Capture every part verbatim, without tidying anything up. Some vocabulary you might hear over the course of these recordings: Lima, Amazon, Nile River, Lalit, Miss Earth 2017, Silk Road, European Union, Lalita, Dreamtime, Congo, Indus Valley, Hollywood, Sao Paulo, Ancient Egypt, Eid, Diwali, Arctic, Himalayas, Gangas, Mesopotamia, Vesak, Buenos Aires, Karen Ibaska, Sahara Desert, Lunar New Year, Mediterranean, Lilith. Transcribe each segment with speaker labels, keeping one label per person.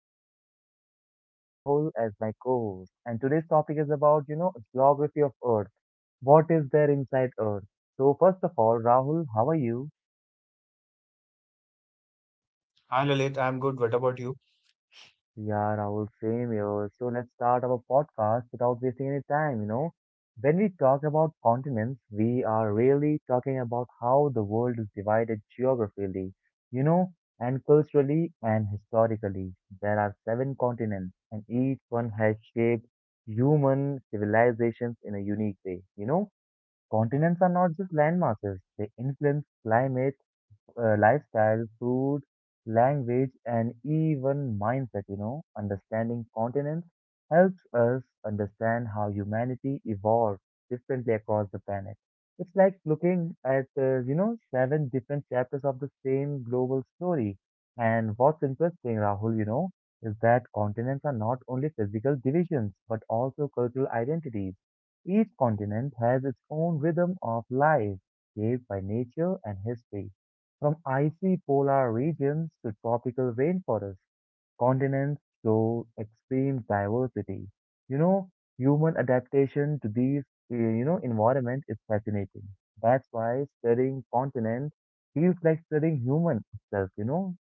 Speaker 1: host, and I have Rahul as my co-host. And today's topic is about, you know, geography of Earth. What is there inside Earth? So, first of all, Rahul, how are you?
Speaker 2: Hi Lalit, I'm good. What about you?
Speaker 1: Yeah, Rahul, same here. So let's start our podcast without wasting any time, you know. When we talk about continents, we are really talking about how the world is divided geographically, you know, and culturally and historically. There are seven continents, and each one has shaped human civilizations in a unique way, you know. Continents are not just landmasses, they influence climate, uh, lifestyle, food, language, and even mindset. You know, understanding continents helps us understand how humanity evolves differently across the planet. It's like looking at, uh, you know, seven different chapters of the same global story. And what's interesting, Rahul, you know, is that continents are not only physical divisions, but also cultural identities. Each continent has its own rhythm of life, shaped by nature and history. From icy polar regions to tropical rainforests, continents show extreme diversity. You know, Human adaptation to these, eh, you know, environment is fascinating. That's why studying continents feels like studying human itself, you know?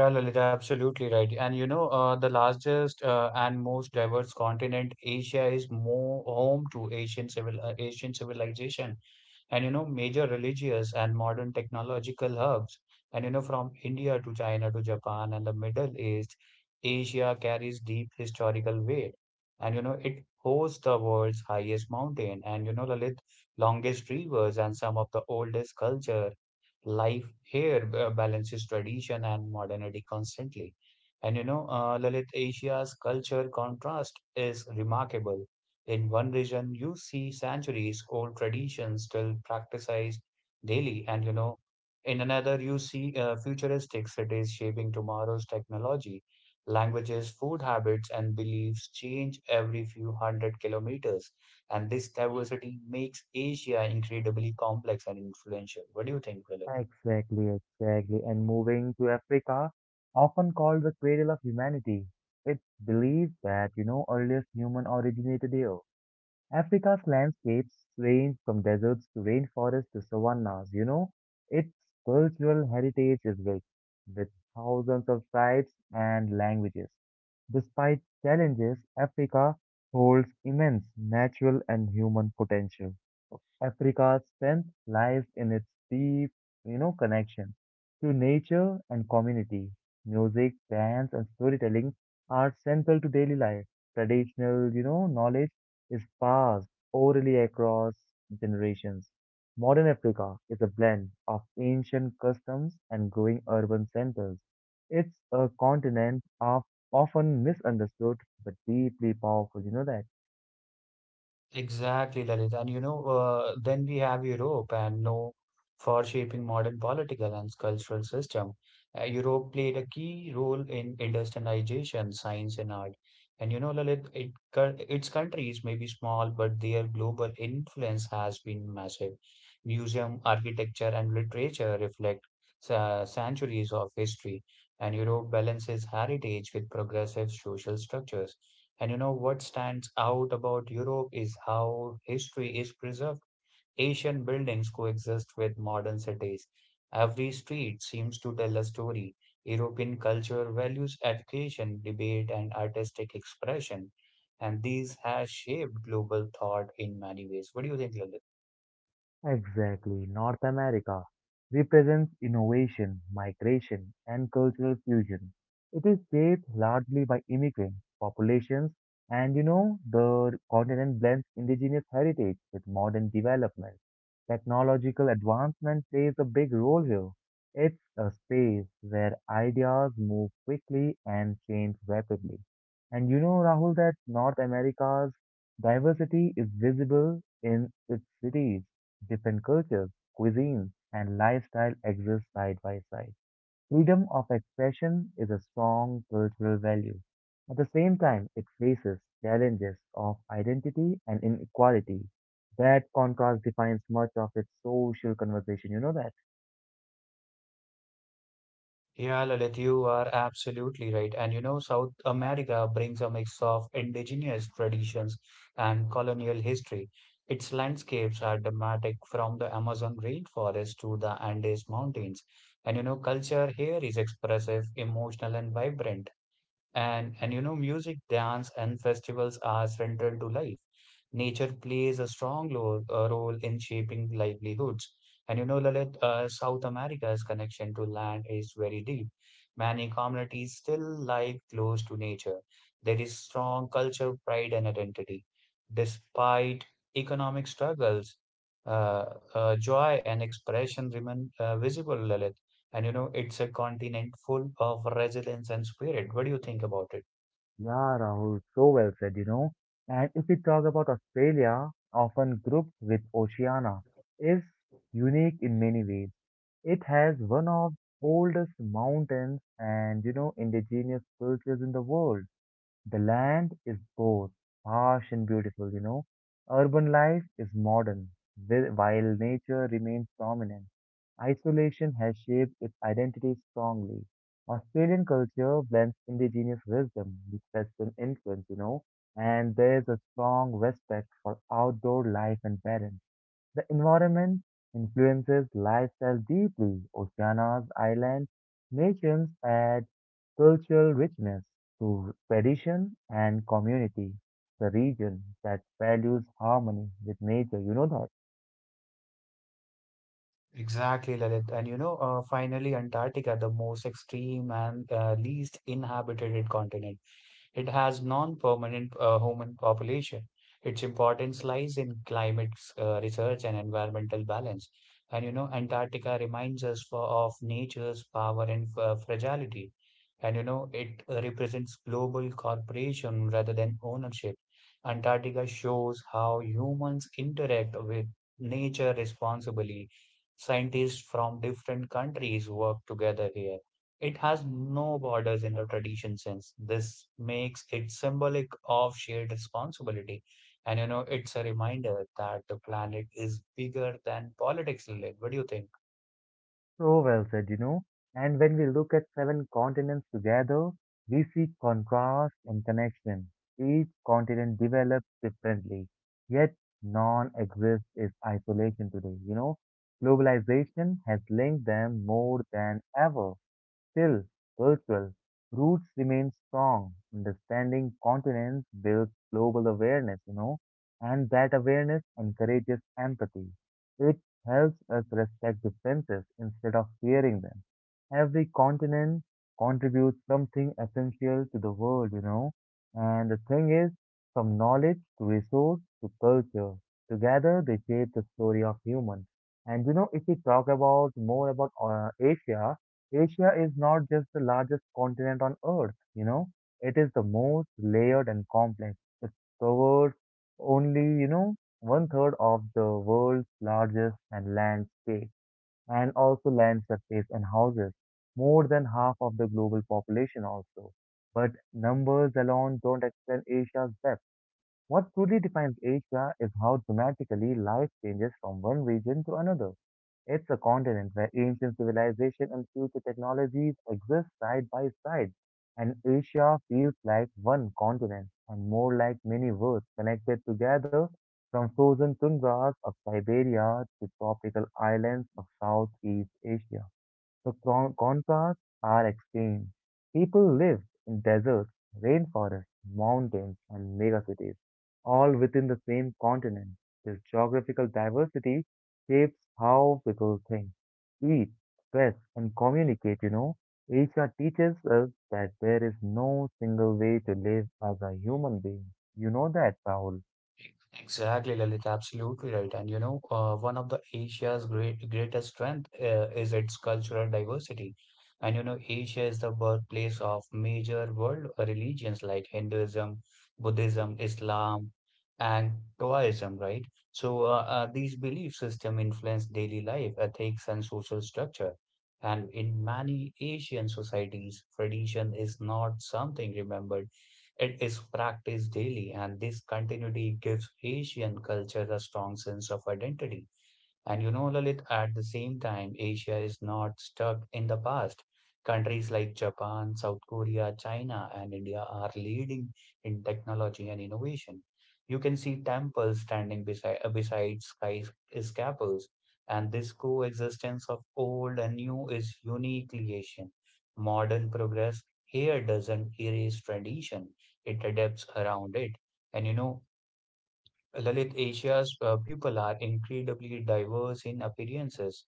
Speaker 2: Yeah, Lalit, absolutely right. And you know, uh, the largest uh, and most diverse continent, Asia, is more home to Asian civil uh, Asian civilization, and you know, major religious and modern technological hubs. And you know, from India to China to Japan and the Middle East, Asia carries deep historical weight. And you know, it hosts the world's highest mountain, and you know, Lalit, longest rivers, and some of the oldest culture life here uh, balances tradition and modernity constantly. And you know, uh, Lalit, Asia's culture contrast is remarkable. In one region, you see centuries old traditions still practiced daily, and you know, in another, you see uh, futuristic cities shaping tomorrow's technology. Languages, food habits, and beliefs change every few hundred kilometers, and this diversity makes Asia incredibly complex and influential. What do you think, Lalit?
Speaker 1: Exactly, exactly. And moving to Africa, often called the cradle of humanity, it's believed that, you know, earliest human originated here. Africa's landscapes range from deserts to rainforests to savannas, you know. Its cultural heritage is rich, with thousands of tribes and languages. Despite challenges, Africa holds immense natural and human potential. Africa's strength lies in its deep, you know, connection to nature and community. Music, dance, and storytelling are central to daily life. Traditional, you know, knowledge is passed orally across generations. Modern Africa is a blend of ancient customs and growing urban centers. It's a continent of often misunderstood but deeply powerful, you know that?
Speaker 2: Exactly, Lalit. And you know, uh, then we have Europe and no for shaping modern political and cultural system. Uh, Europe played a key role in industrialization, science, and art. And you know, Lalit, it, cou- its countries may be small, but their global influence has been massive. Museum, architecture, and literature reflect uh, centuries of history, and Europe balances heritage with progressive social structures. And you know what stands out about Europe is how history is preserved. Ancient buildings coexist with modern cities. Every street seems to tell a story. European culture values education, debate, and artistic expression. And these has shaped global thought in many ways. What do you think, Lalit?
Speaker 1: Exactly, North America represents innovation, migration, and cultural fusion. It is shaped largely by immigrant populations, and you know, the continent blends indigenous heritage with modern development. Technological advancement plays a big role here. It's a space where ideas move quickly and change rapidly. And you know, Rahul, that North America's diversity is visible in its cities. Different cultures, cuisines, and lifestyle exist side by side. Freedom of expression is a strong cultural value. At the same time, it faces challenges of identity and inequality. That contrast defines much of its social conversation. You know that?
Speaker 2: Yeah, Lalit, you are absolutely right. And you know, South America brings a mix of indigenous traditions and colonial history. Its landscapes are dramatic from the Amazon rainforest to the Andes Mountains. And you know, culture here is expressive, emotional, and vibrant. And and you know, music, dance, and festivals are central to life. Nature plays a strong lo- uh, role in shaping livelihoods. And you know, Lalit, uh, South America's connection to land is very deep. Many communities still live close to nature. There is strong culture, pride, and identity. Despite economic struggles, uh, uh, joy and expression remain uh, visible, Lalit. And you know, it's a continent full of resilience and spirit. What do you think about it?
Speaker 1: Yeah, Rahul, so well said, you know. And if we talk about Australia, often grouped with Oceania, is unique in many ways. It has one of oldest mountains and you know indigenous cultures in the world. The land is both harsh and beautiful, you know. Urban life is modern, whi- while nature remains dominant. Isolation has shaped its identity strongly. Australian culture blends indigenous wisdom with Western influence, you know, and there's a strong respect for outdoor life and balance. The environment influences lifestyle deeply. Oceanas, islands, nations add cultural richness to tradition and community. The region that values harmony with nature, you know that.
Speaker 2: Exactly, Lalit. And you know, uh, finally, Antarctica, the most extreme and uh, least inhabited continent. It has non-permanent uh, human population. Its importance lies in climate uh, research and environmental balance. And you know, Antarctica reminds us for, of nature's power and uh, fragility. And you know, it uh, represents global cooperation rather than ownership. Antarctica shows how humans interact with nature responsibly. Scientists from different countries work together here. It has no borders in the tradition sense. This makes it symbolic of shared responsibility. And you know, it's a reminder that the planet is bigger than politics, Lilith. What do you think?
Speaker 1: So well said, you know. And when we look at seven continents together, we see contrast and connection. Each continent develops differently, yet none exists is isolation today, you know. Globalization has linked them more than ever. Still, cultural roots remain strong. Understanding continents builds global awareness, you know, and that awareness encourages empathy. It helps us respect differences instead of fearing them. Every continent contributes something essential to the world, you know, and the thing is, from knowledge to resource to culture, together they shape the story of humans. And you know, if we talk about more about uh, Asia, Asia is not just the largest continent on Earth, you know, it is the most layered and complex. It covers only, you know, one third of the world's largest and landscape, and also land surface and houses, more than half of the global population also. But numbers alone don't explain Asia's depth. What truly defines Asia is how dramatically life changes from one region to another. It's a continent where ancient civilization and future technologies exist side by side, and Asia feels like one continent and more like many worlds connected together from frozen tundras of Siberia to tropical islands of Southeast Asia. The con- contrasts are extreme. People live in deserts, rainforests, mountains, and megacities, all within the same continent. This geographical diversity shapes how people think, eat, dress, and communicate. You know, Asia teaches us that there is no single way to live as a human being. You know that, Rahul.
Speaker 2: Exactly, Lalit, absolutely right. And you know, uh, one of the Asia's great greatest strength uh, is its cultural diversity. And you know, Asia is the birthplace of major world religions like Hinduism, Buddhism, Islam, and Taoism, right? So uh, uh, these belief system influence daily life, ethics, and social structure. And in many Asian societies, tradition is not something remembered. It is practiced daily, and this continuity gives Asian culture a strong sense of identity. And you know, Lalit, at the same time, Asia is not stuck in the past. Countries like Japan, South Korea, China, and India are leading in technology and innovation. You can see temples standing beside, uh, beside skyscrapers, and this coexistence of old and new is uniquely Asian. Modern progress here doesn't erase tradition, it adapts around it. And you know, Lalit, Asia's uh, people are incredibly diverse in appearances,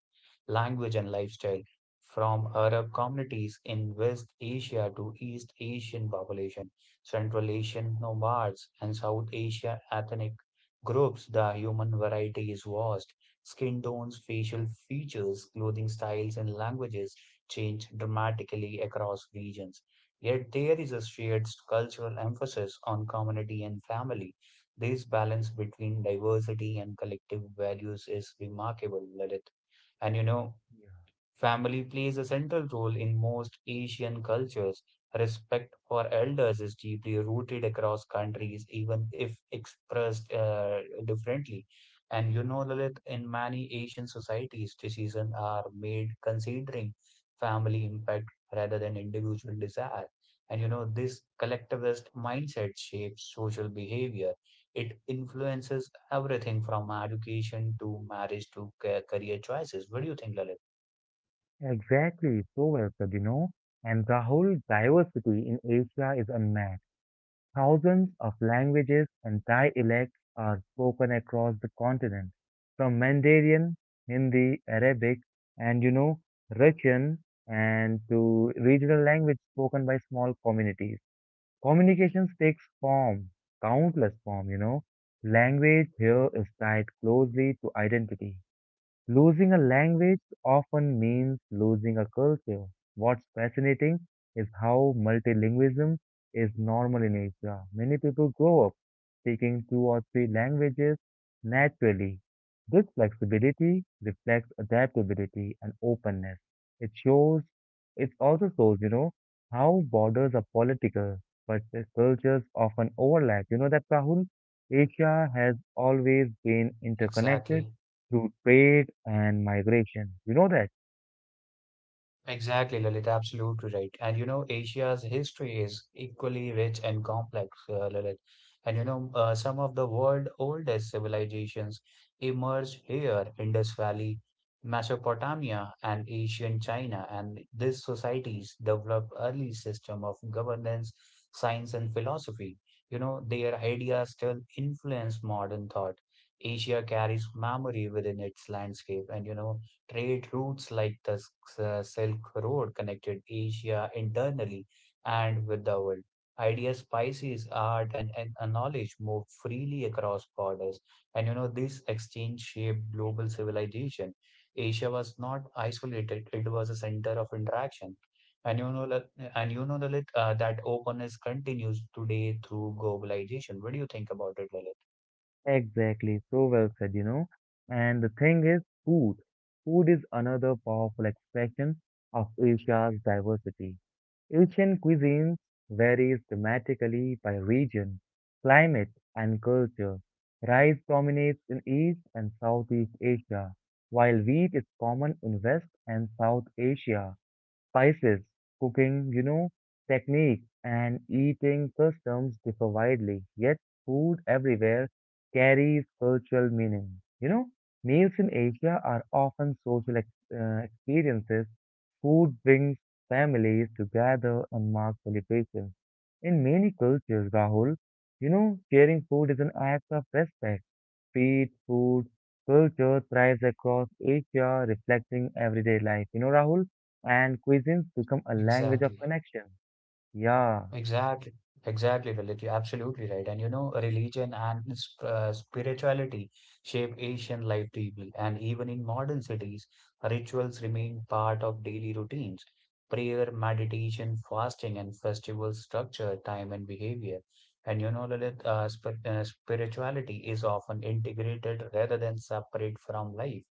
Speaker 2: language, and lifestyle, from Arab communities in West Asia to East Asian population, Central Asian nomads, and South Asia ethnic groups. The human variety is vast. Skin tones, facial features, clothing styles, and languages change dramatically across regions. Yet there is a shared cultural emphasis on community and family. This balance between diversity and collective values is remarkable, Lalit. And you know, Family plays a central role in most Asian cultures. Respect for elders is deeply rooted across countries, even if expressed uh, differently. And you know, Lilith, in many Asian societies, decisions are made considering family impact rather than individual desire. And you know, this collectivist mindset shapes social behavior. It influences everything from education to marriage to ca- career choices. What do you think, Lalit?
Speaker 1: Exactly, so well said, you know. And the whole diversity in Asia is unmatched. Thousands of languages and dialects are spoken across the continent, from Mandarin, Hindi, Arabic, and you know, Russian, and to regional language spoken by small communities. Communications takes form, countless form, you know. Language here is tied closely to identity. Losing a language often means losing a culture. What's fascinating is how multilingualism is normal in Asia. Many people grow up speaking two or three languages naturally. This flexibility reflects adaptability and openness. It shows, it also shows, you know, how borders are political, but the cultures often overlap. You know that, Rahul? Asia has always been interconnected
Speaker 2: Exactly.
Speaker 1: through trade and migration. You know that?
Speaker 2: Exactly, Lalit. Absolutely right. And you know, Asia's history is equally rich and complex, uh, Lalit. And you know, uh, some of the world's oldest civilizations emerged here, Indus Valley, Mesopotamia, and ancient China. And these societies developed early system of governance, science, and philosophy. You know, their ideas still influence modern thought. Asia carries memory within its landscape, and you know. Trade routes like the S- uh, Silk Road connected Asia internally and with the world. Ideas, spices, art, and, and and knowledge moved freely across borders. And you know, this exchange shaped global civilization. Asia was not isolated, it was a center of interaction. And you know, that- and you know, Lalit, uh, that openness continues today through globalization. What do you think about it, Lalit?
Speaker 1: Exactly. So well said, you know. And the thing is, food. Food is another powerful expression of Asia's diversity. Asian cuisines varies dramatically by region, climate, and culture. Rice dominates in East and Southeast Asia, while wheat is common in West and South Asia. Spices, cooking, you know, techniques, and eating customs differ widely, yet food everywhere carries cultural meaning. You know, Meals in Asia are often social ex- uh, experiences. Food brings families together and marks celebrations. In many cultures, Rahul, you know, sharing food is an act of respect. Street food culture thrives across Asia, reflecting everyday life. You know, Rahul, and cuisines become a language of
Speaker 2: Exactly.
Speaker 1: connection. Yeah.
Speaker 2: Exactly, exactly, Lalit. You're absolutely right. And you know, religion and sp uh, spirituality shape Asian life deeply. And even in modern cities, rituals remain part of daily routines. Prayer, meditation, fasting, and festivals structure time and behavior. And you know, Lalit, uh, sp uh, spirituality is often integrated rather than separate from life.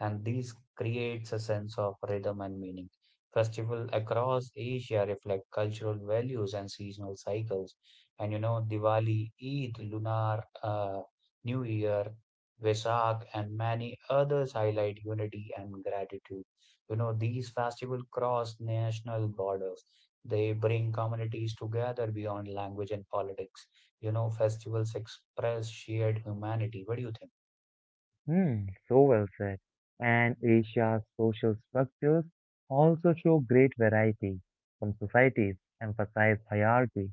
Speaker 2: And this creates a sense of rhythm and meaning. Festivals across Asia reflect cultural values and seasonal cycles. And you know, Diwali, Eid, Lunar uh, New Year, Vesak, and many others highlight unity and gratitude. You know, these festivals cross national borders. They bring communities together beyond language and politics. You know, festivals express shared humanity. What do you think?
Speaker 1: Hmm, so well said. And Asia's social structures also show great variety. Some societies emphasize hierarchy,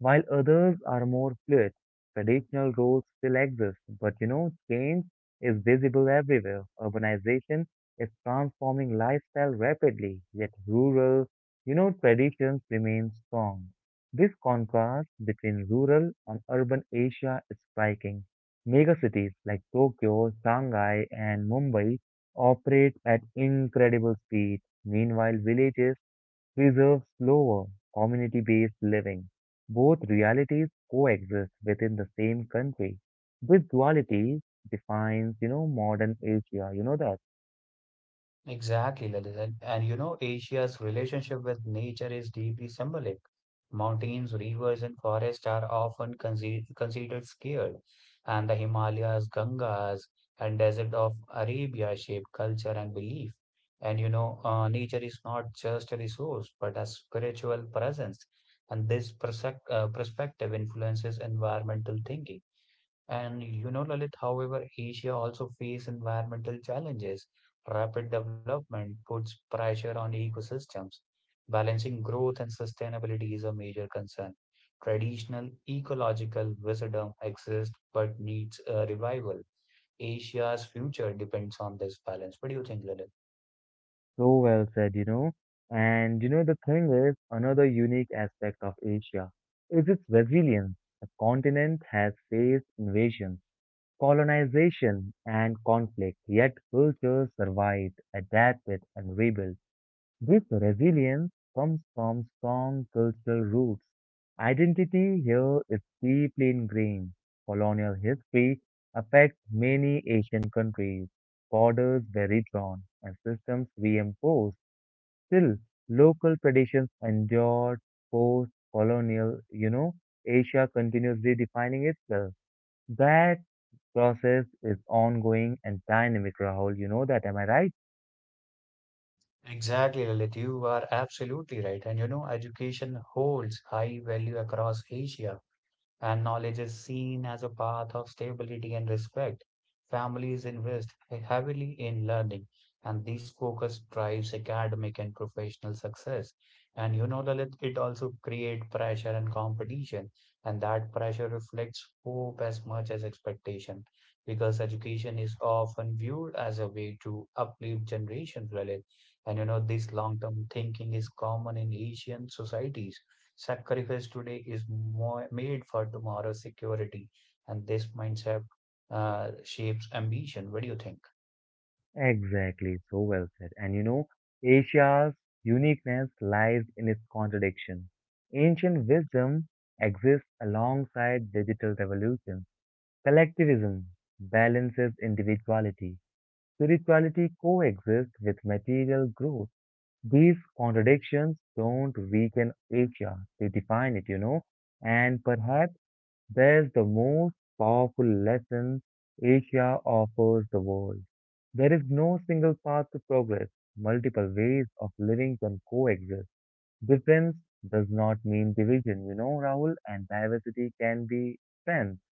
Speaker 1: while others are more fluid. Traditional roles still exist, but you know, change is visible everywhere. Urbanization is transforming lifestyle rapidly, yet rural, you know, traditions remain strong. This contrast between rural and urban Asia is striking. Megacities like Tokyo, Shanghai, and Mumbai operate at incredible speed. Meanwhile, villages preserve slower, community based living. Both realities coexist within the same country. This duality defines, you know, modern Asia. You know that.
Speaker 2: Exactly, Lalit. And, and you know, Asia's relationship with nature is deeply symbolic. Mountains, rivers, and forests are often consi considered scared, and the Himalayas, Gangas, and desert of Arabia shape culture and belief. And you know, uh, nature is not just a resource, but a spiritual presence. And this perspec- uh, perspective influences environmental thinking. And you know, Lalit, however, Asia also face environmental challenges. Rapid development puts pressure on ecosystems. Balancing growth and sustainability is a major concern. Traditional ecological wisdom exists but needs a revival. Asia's future depends on this balance. What do you think, Lalit?
Speaker 1: So well said, you know. And, you know, the thing is, another unique aspect of Asia is its resilience. The continent has faced invasions, colonization, and conflict, yet cultures survived, adapted, and rebuilt. This resilience comes from strong cultural roots. Identity here is deeply ingrained. Colonial history affects many Asian countries. Borders were redrawn and systems reimposed. Still, local traditions endured. Post-colonial, you know, Asia continues redefining itself. That process is ongoing and dynamic, Rahul. You know that, am I right?
Speaker 2: Exactly, Lalit. You are absolutely right. And you know, education holds high value across Asia, and knowledge is seen as a path of stability and respect. Families invest heavily in learning, and this focus drives academic and professional success. And you know, Lalit, it also creates pressure and competition, and that pressure reflects hope as much as expectation, because education is often viewed as a way to uplift generations, Lalit. And you know, this long-term thinking is common in Asian societies. Sacrifice today is more made for tomorrow's security, and this mindset uh, shapes ambition. What do you think?
Speaker 1: Exactly, so well said. And you know, Asia's uniqueness lies in its contradiction. Ancient wisdom exists alongside digital revolution. Collectivism balances individuality. Spirituality coexists with material growth. These contradictions don't weaken Asia, they define it, you know. And perhaps there's the most powerful lesson Asia offers the world. There is no single path to progress. Multiple ways of living can coexist. Difference does not mean division, you know, Rahul, and diversity can be strength.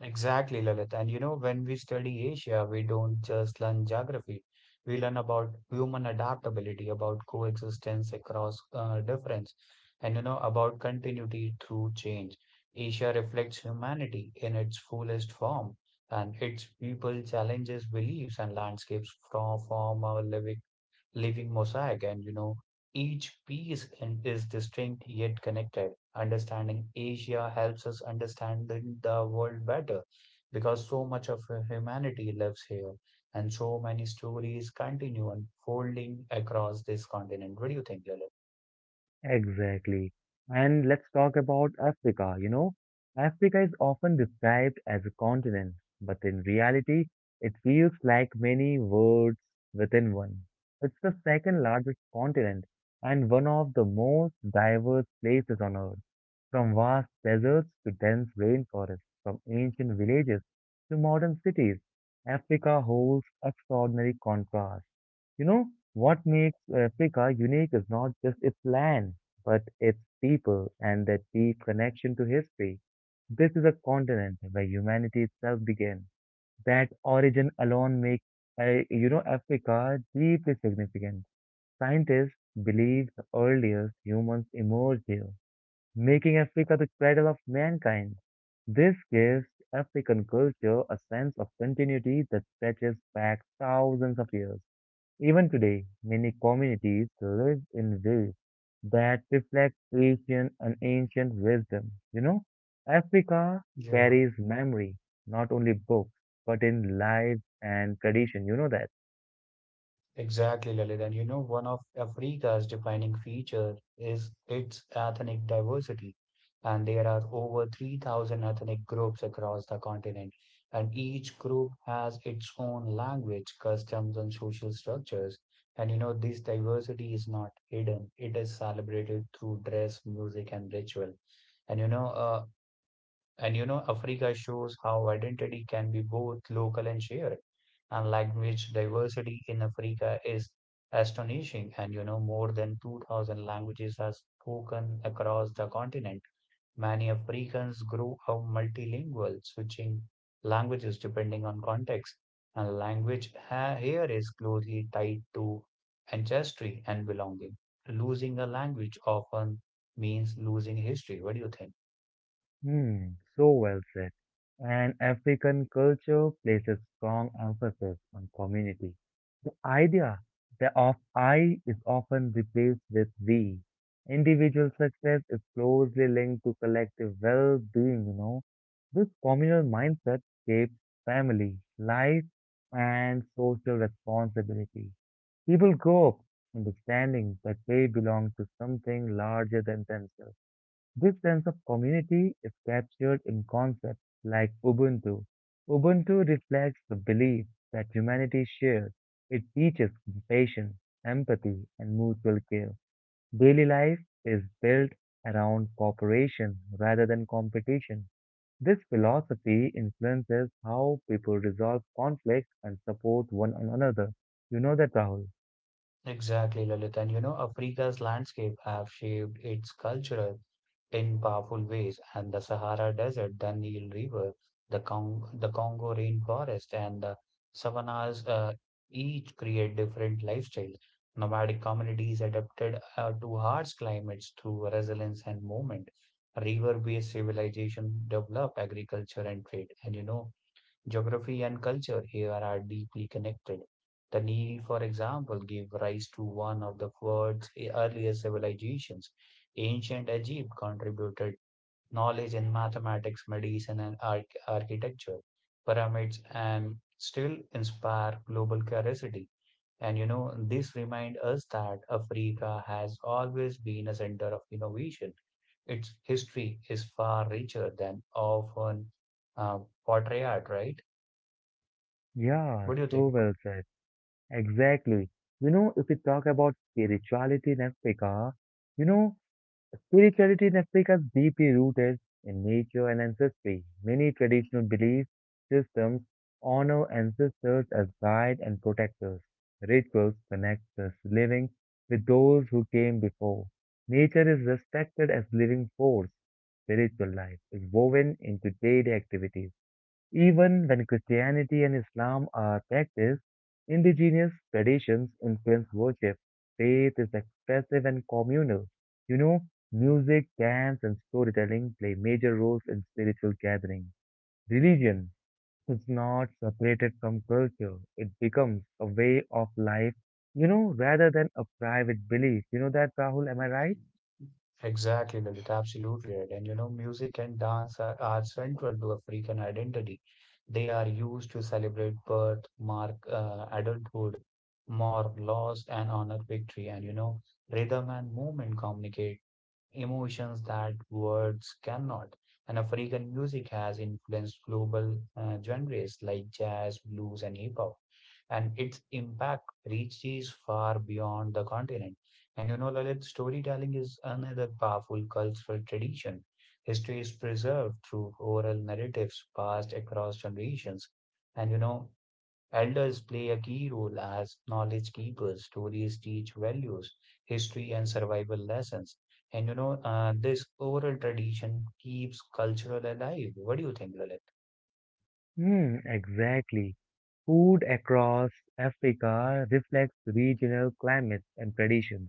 Speaker 2: Exactly, Lalit. And you know, when we study Asia, we don't just learn geography. We learn about human adaptability, about coexistence across uh, difference, and you know, about continuity through change. Asia reflects humanity in its fullest form, and its people challenges beliefs and landscapes from, from our living living mosaic, and you know each piece in- is distinct yet connected. Understanding Asia helps us understand the the world better, because so much of humanity lives here, and so many stories continue unfolding across this continent. What do you think, Lilith?
Speaker 1: Exactly. And let's talk about Africa, you know. Africa is often described as a continent, but in reality, it feels like many worlds within one. It's the second largest continent and one of the most diverse places on Earth. From vast deserts to dense rainforests, from ancient villages to modern cities, Africa holds extraordinary contrasts. You know, what makes Africa unique is not just its land, but its people and that deep connection to history. This is a continent where humanity itself began. That origin alone makes, uh, you know, Africa deeply significant. Scientists believe the earliest humans emerged here, making Africa the cradle of mankind. This gives African culture a sense of continuity that stretches back thousands of years. Even today, many communities live in ways that reflect Asian and ancient wisdom. You know, Africa
Speaker 2: Yeah,
Speaker 1: carries memory, not only books, but in lives and tradition. You know that.
Speaker 2: exactly, Lalit. And you know, one of Africa's defining feature is its ethnic diversity. And there are over three thousand ethnic groups across the continent. And each group has its own language, customs, and social structures. And you know, this diversity is not hidden. It is celebrated through dress, music, and ritual. And you know, uh, and you know, Africa shows how identity can be both local and shared. And language diversity in Africa is astonishing. And you know, more than two thousand languages are spoken across the continent. Many Africans grow up multilingual, switching languages depending on context. And language ha- here is closely tied to ancestry and belonging. Losing a language often means losing history. What do you think?
Speaker 1: Hmm, so well said. And African culture places strong emphasis on community. The idea that of I is often replaced with we. Individual success is closely linked to collective well-being, you know. This communal mindset shapes family, life, and social responsibility. People grow up understanding that they belong to something larger than themselves. This sense of community is captured in concepts like Ubuntu. Ubuntu reflects the belief that humanity shares. It teaches compassion, empathy, and mutual care. Daily life is built around cooperation rather than competition. This philosophy influences how people resolve conflicts and support one another. You know that, Rahul?
Speaker 2: Exactly, Lalit. And you know, Africa's landscape have shaped its culture in powerful ways, and the Sahara Desert, the Nile River, the Cong the Congo rainforest, and the savannas uh, each create different lifestyles. Nomadic communities adapted uh, to harsh climates through resilience and movement. River-based civilization developed agriculture and trade, and you know. Geography and culture here are deeply connected. The Nile, for example, gave rise to one of the world's earliest civilizations. Ancient Egypt contributed knowledge in mathematics, medicine, and arch architecture. Pyramids and still inspire global curiosity. And you know, this reminds us that Africa has always been a center of innovation. Its history is far richer than often uh, portrayed, right?
Speaker 1: Yeah,
Speaker 2: What do you
Speaker 1: so
Speaker 2: think?
Speaker 1: well said. Exactly. You know, if we talk about spirituality in Africa, you know, spirituality in Africa is deeply rooted in nature and ancestry. Many traditional belief systems honor ancestors as guides and protectors. Rituals connect the living with those who came before. Nature is respected as living force. Spiritual life is woven into daily activities even when Christianity and Islam are practiced, indigenous traditions influence worship. Faith is expressive and communal. You know, Music, dance, and storytelling play major roles in spiritual gatherings. Religion is not separated from culture, it becomes a way of life, you know, rather than a private belief. You know that, Rahul, am I right?
Speaker 2: Exactly, Lalit, absolutely right. And you know, music and dance are, are central to African identity. They are used to celebrate birth, mark uh, adulthood, mourn loss, and honor victory. And you know, rhythm and movement communicate emotions that words cannot. And African music has influenced global uh, genres like jazz, blues, and hip hop. And its impact reaches far beyond the continent. And you know, Lalit, storytelling is another powerful cultural tradition. History is preserved through oral narratives passed across generations. And you know, elders play a key role as knowledge keepers. Stories teach values, history, and survival lessons. And you know, uh, this oral tradition keeps cultural alive. What do you think, Lalit?
Speaker 1: Hmm, exactly. Food across Africa reflects regional climates and traditions.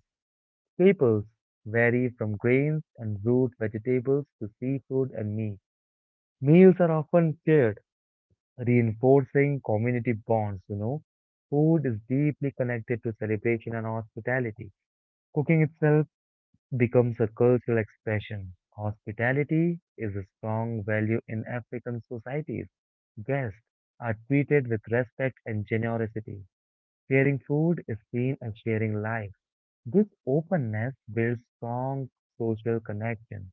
Speaker 1: Staples vary from grains and root vegetables to seafood and meat. Meals are often shared, reinforcing community bonds, you know. Food is deeply connected to celebration and hospitality. Cooking itself becomes a cultural expression. Hospitality is a strong value in African societies. Guests are treated with respect and generosity. Sharing food is seen as sharing life. This openness builds strong social connection.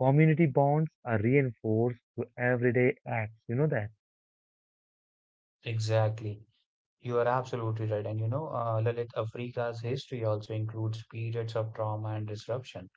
Speaker 1: Community bonds are reinforced through everyday acts. You know that.
Speaker 2: Exactly. You are absolutely right. And you know, uh, Lalit, Africa's history also includes periods of trauma and disruption.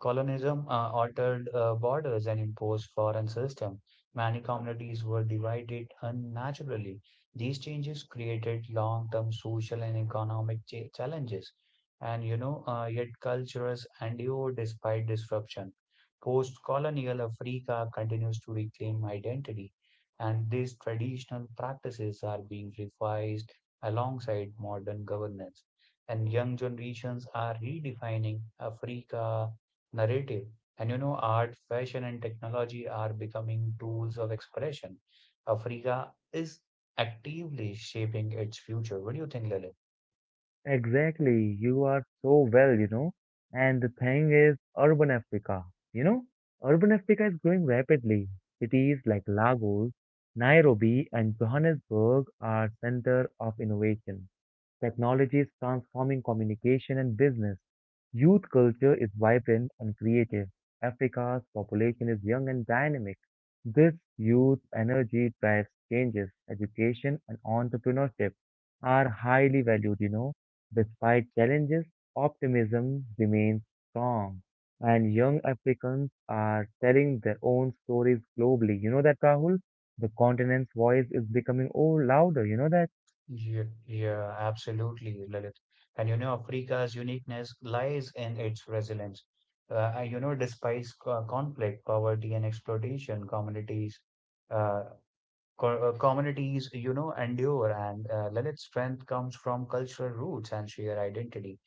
Speaker 2: Colonialism uh, altered uh, borders and imposed foreign systems. Many communities were divided unnaturally. These changes created long-term social and economic cha- challenges, and you know, uh, yet cultures endure despite disruption. Post-colonial Africa continues to reclaim identity, and these traditional practices are being revised alongside modern governance. And young generations are redefining Africa narrative. And you know, art, fashion, and technology are becoming tools of expression. Africa is actively shaping its future. What do you think, Lilith?
Speaker 1: Exactly, you are so well, you know. And the thing is, urban Africa, you know, urban Africa is growing rapidly. Cities like Lagos, Nairobi, and Johannesburg are center of innovation. Technology is transforming communication and business. Youth culture is vibrant and creative. Africa's population is young and dynamic. This youth energy drives changes. Education and entrepreneurship are highly valued, you know. Despite challenges, optimism remains strong. And young Africans are telling their own stories globally. You know that, Rahul? The continent's voice is becoming oh louder. You know that?
Speaker 2: Yeah, yeah, absolutely, Lilith. And you know, Africa's uniqueness lies in its resilience. Uh, and, you know, despite co- conflict, poverty, and exploitation, communities, uh, co- uh, communities, you know, endure. And uh, Lilith's strength comes from cultural roots and shared identity.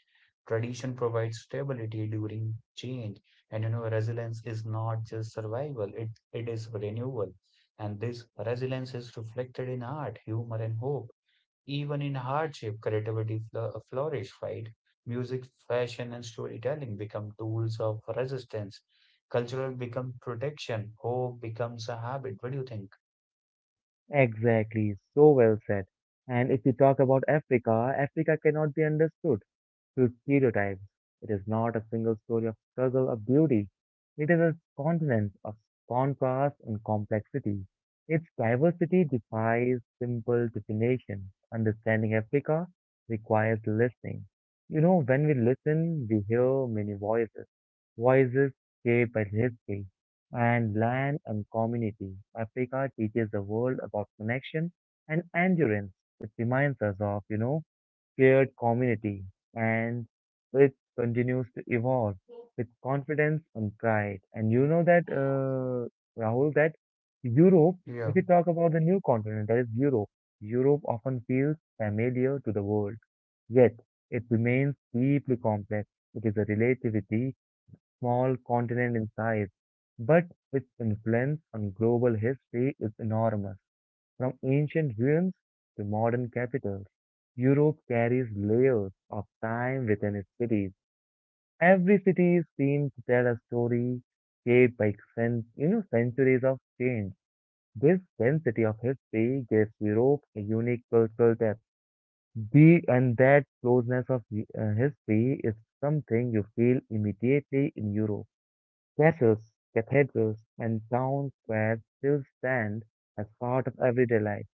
Speaker 2: Tradition provides stability during change, and you know, resilience is not just survival, it, it is renewal. And this resilience is reflected in art, humor, and hope. Even in hardship, creativity fl- flourish, right? Music, fashion, and storytelling become tools of resistance. Cultural become protection. Hope becomes a habit. What do you think?
Speaker 1: Exactly, so well said. And if we talk about Africa, Africa cannot be understood through stereotypes. It is not a single story of struggle or beauty. It is a continent of contrast and complexity. Its diversity defies simple definition. Understanding Africa requires listening. You know, when we listen, we hear many voices. Voices shaped by history and land and community. Africa teaches the world about connection and endurance. It reminds us of, you know, shared community, and it continues to evolve with confidence and pride. And you know that, uh, Rahul, that Europe, if
Speaker 2: Yeah,
Speaker 1: you talk about the new continent, that is Europe, Europe often feels familiar to the world, yet it remains deeply complex. It is a relatively small continent in size, but its influence on global history is enormous. From ancient ruins to modern capitals, Europe carries layers of time within its cities. Every city seems to tell a story shaped by cen- you know, centuries of change. This density of history gives Europe a unique cultural depth. The, and that closeness of uh, history is something you feel immediately in Europe. Castles, cathedrals, and town squares still stand as part of everyday life.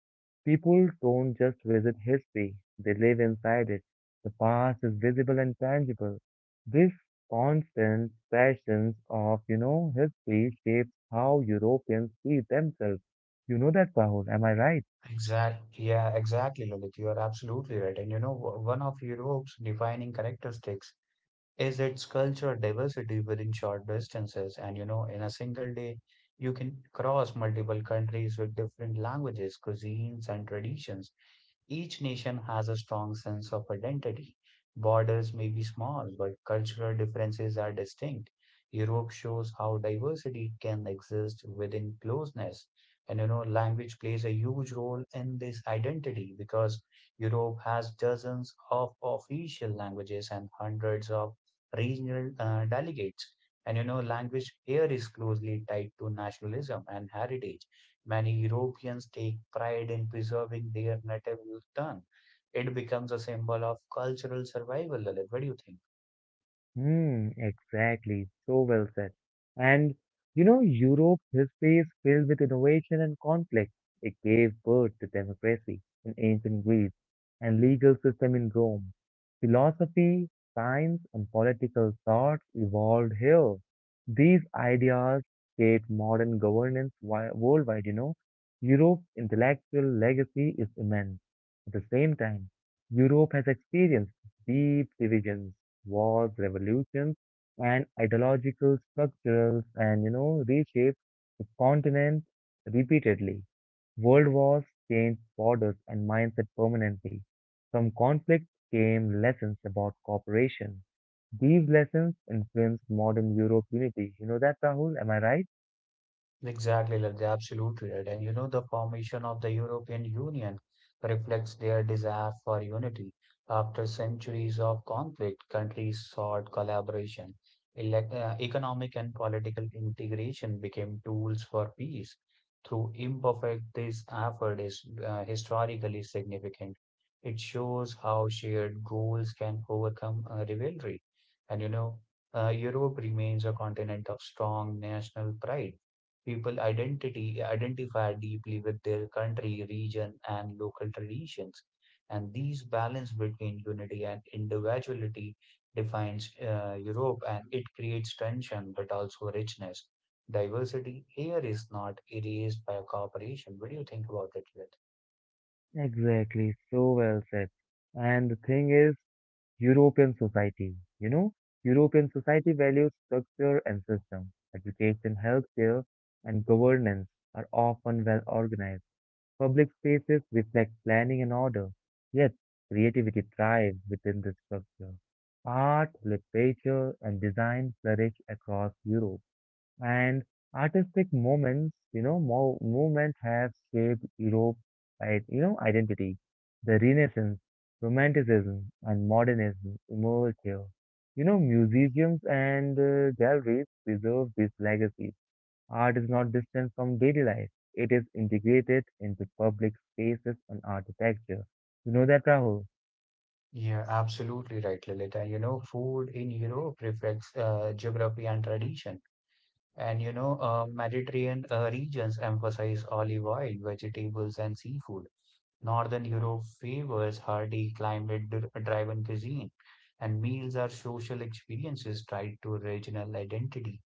Speaker 1: People don't just visit history, they live inside it. The past is visible and tangible. This constant passion of, you know, history shapes how Europeans see themselves. You know that, Rahul, am I right?
Speaker 2: exactly. Yeah, exactly, Lalit. You are absolutely right. And you know, w- one of Europe's defining characteristics is its culture diversity within short distances. And you know, in a single day, you can cross multiple countries with different languages, cuisines, and traditions. Each nation has a strong sense of identity. Borders may be small, but cultural differences are distinct. Europe shows how diversity can exist within closeness. And you know, language plays a huge role in this identity because Europe has dozens of official languages and hundreds of regional uh, delegates. And you know, language here is closely tied to nationalism and heritage. Many Europeans take pride in preserving their native tongue. It becomes a symbol of cultural survival, Lalit. What do you think?
Speaker 1: Hmm, exactly. So well said. And you know, Europe history is filled with innovation and conflict. It gave birth to democracy in ancient Greece and legal system in Rome. Philosophy, science, and political thought evolved here. These ideas shaped modern governance wi- worldwide, you know. Europe's intellectual legacy is immense. At the same time, Europe has experienced deep divisions wars, revolutions, and ideological structures, and you know, reshaped the continent repeatedly. World wars changed borders and mindset permanently. From conflict came lessons about cooperation. These lessons influenced modern Europe unity. You know that, Rahul? Am I right?
Speaker 2: Exactly, like absolutely right. And you know, the formation of the European Union reflects their desire for unity. After centuries of conflict, countries sought collaboration. Elec uh, Economic and political integration became tools for peace. Through imperfect, this effort is uh, historically significant. It shows how shared goals can overcome uh, rivalry. And you know, uh, Europe remains a continent of strong national pride. People identity identify deeply with their country, region, and local traditions, and these balance between unity and individuality defines uh, Europe, and it creates tension but also richness. Diversity here is not erased by cooperation. What do you think about it, Lilith?
Speaker 1: Exactly, so well said. And the thing is, European society, you know, European society values structure and system. Education, healthcare, and governance are often well organized. Public spaces reflect planning and order. Yet, creativity thrives within this structure. Art, literature, and design flourish across Europe and artistic moments, you know, mo- movement have shaped Europe, right, you know, identity. The Renaissance, Romanticism, and Modernism emerged here. You know, museums and uh, galleries preserve this legacy. Art is not distant from daily life; it is integrated into public spaces and architecture. You know that, Rahul?
Speaker 2: Yeah, absolutely right, Lilith. And you know, food in Europe reflects uh, geography and tradition. And you know, uh, Mediterranean uh, regions emphasize olive oil, vegetables, and seafood. Northern Europe favors hardy climate-driven cuisine, and meals are social experiences tied to regional identity.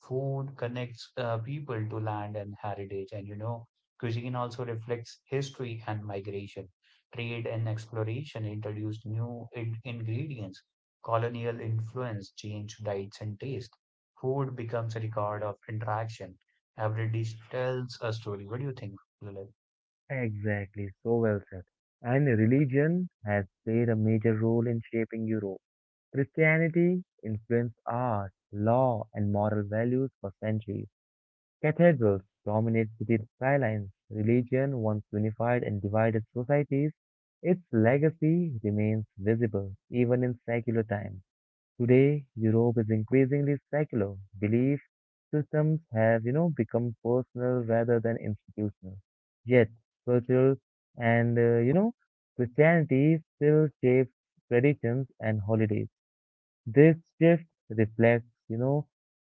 Speaker 2: Food connects uh, people to land and heritage, and you know, cuisine also reflects history and migration. Trade and exploration introduced new in- ingredients. Colonial influence changed diets and taste. Food becomes a record of interaction. Every dish tells a story. What do you think, Lilith?
Speaker 1: Exactly. So well said. And religion has played a major role in shaping Europe. Christianity influenced art, law, and moral values for centuries. Cathedrals dominate city skylines. Religion once unified and divided societies. Its legacy remains visible even in secular times. Today, Europe is increasingly secular. Belief systems have, you know, become personal rather than institutional. Yet, cultural and, uh, you know, Christianity still shapes traditions and holidays. This shift reflects, you know,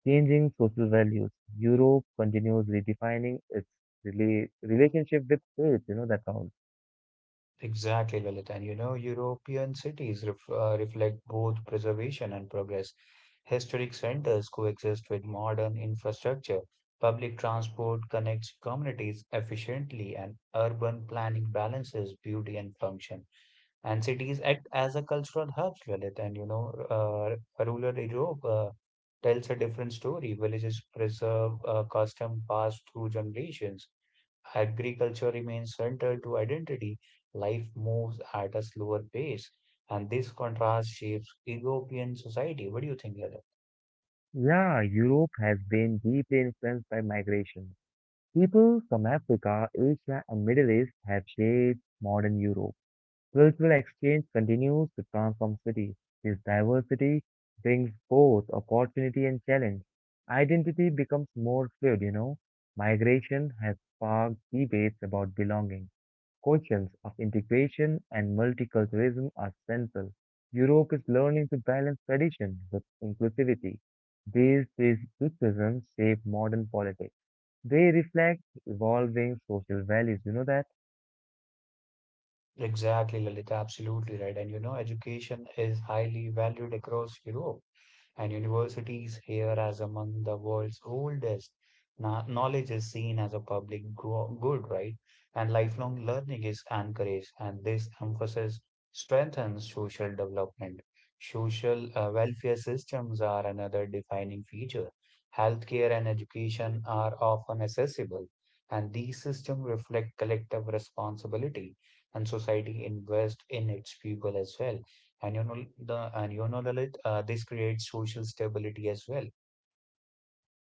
Speaker 1: changing social values. Europe continues redefining its rela- relationship with faith, you know, that counts.
Speaker 2: Exactly, Lalit. And you know, European cities ref, uh, reflect both preservation and progress. Historic centers coexist with modern infrastructure. Public transport connects communities efficiently, and urban planning balances beauty and function. And cities act as a cultural hubs, Lalit. And you know, uh, rural Europe uh, tells a different story. Villages preserve uh, custom passed through generations. Agriculture remains central to identity. Life moves at a slower pace, and this contrast shapes European society. What do you think, Lalit?
Speaker 1: Yeah, Europe has been deeply influenced by migration. People from Africa, Asia, and Middle East have shaped modern Europe. Cultural exchange continues to transform cities. This diversity brings both opportunity and challenge. Identity becomes more fluid, you know. Migration has sparked debates about belonging. Questions of integration and multiculturalism are central. Europe is learning to balance tradition with inclusivity. These criticisms shape modern politics. They reflect evolving social values. You know that?
Speaker 2: Exactly, Lalit. Absolutely right. And you know, education is highly valued across Europe, and universities here as among the world's oldest. Knowledge is seen as a public good, right? And lifelong learning is encouraged, and this emphasis strengthens social development. Social uh, welfare systems are another defining feature. Healthcare and education are often accessible, and these systems reflect collective responsibility, and society invests in its people as well, and you know the and you know, Lalit, uh, this creates social stability as well.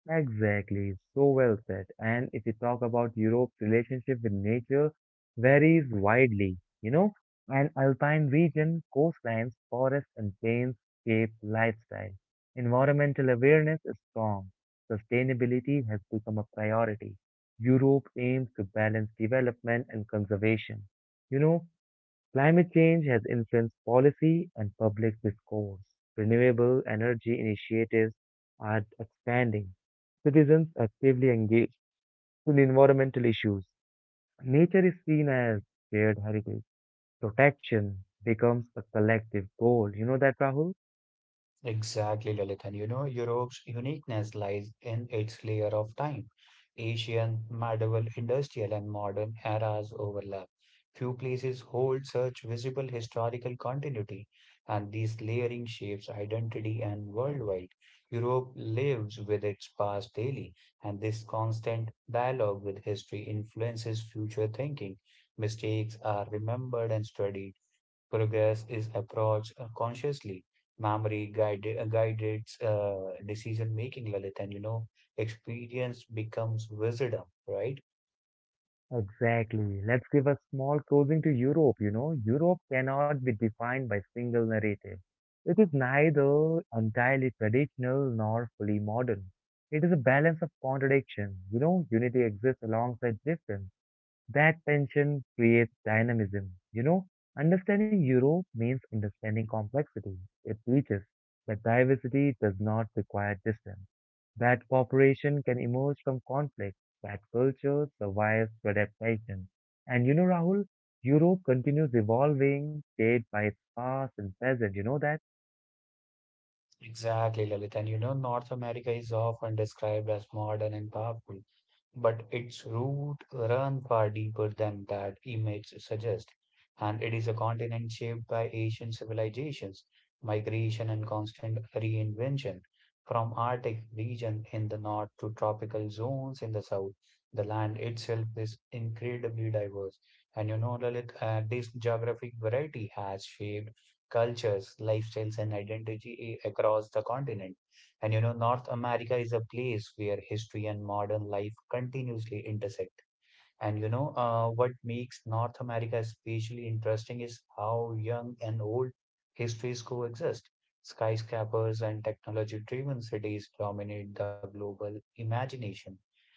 Speaker 1: Exactly, so well said. And if you talk about Europe's relationship with nature, varies widely, you know, an alpine region, coastlines, forests and plains shape lifestyle. Environmental awareness is strong. Sustainability has become a priority. Europe aims to balance development and conservation. You know, climate change has influenced policy and public discourse. Renewable energy initiatives are expanding. Citizens actively engage in environmental issues. Nature is seen as shared heritage. Protection becomes a collective goal. You know that, Rahul?
Speaker 2: Exactly, Lilith. And you know, Europe's uniqueness lies in its layer of time. Asian, medieval, industrial, and modern eras overlap. Few places hold such visible historical continuity, and this layering shapes identity and worldwide. Europe lives with its past daily, and this constant dialogue with history influences future thinking. Mistakes are remembered and studied. Progress is approached uh, consciously. Memory guided, guided uh, decision making, Lalit, and you know, experience becomes wisdom, right?
Speaker 1: Exactly. Let's give a small closing to Europe. You know, Europe cannot be defined by single narrative. It is neither entirely traditional nor fully modern. It is a balance of contradiction. You know, unity exists alongside difference. That tension creates dynamism. You know, understanding Europe means understanding complexity. It teaches that diversity does not require distance, that cooperation can emerge from conflict, that culture survives through adaptation. And you know, Rahul, Europe continues evolving, shaped by its past and present. You know that?
Speaker 2: Exactly, Lalit. And you know, North America is often described as modern and powerful, but its roots run far deeper than that image suggests, and it is a continent shaped by ancient civilizations, migration, and constant reinvention. From Arctic region in the north to tropical zones in the south, the land itself is incredibly diverse. And you know, Lalit, uh, this geographic variety has shaped cultures, lifestyles, and identity across the continent. And you know, North America is a place where history and modern life continuously intersect. And you know, uh, what makes North America especially interesting is how young and old histories coexist. Skyscrapers and technology-driven cities dominate the global imagination,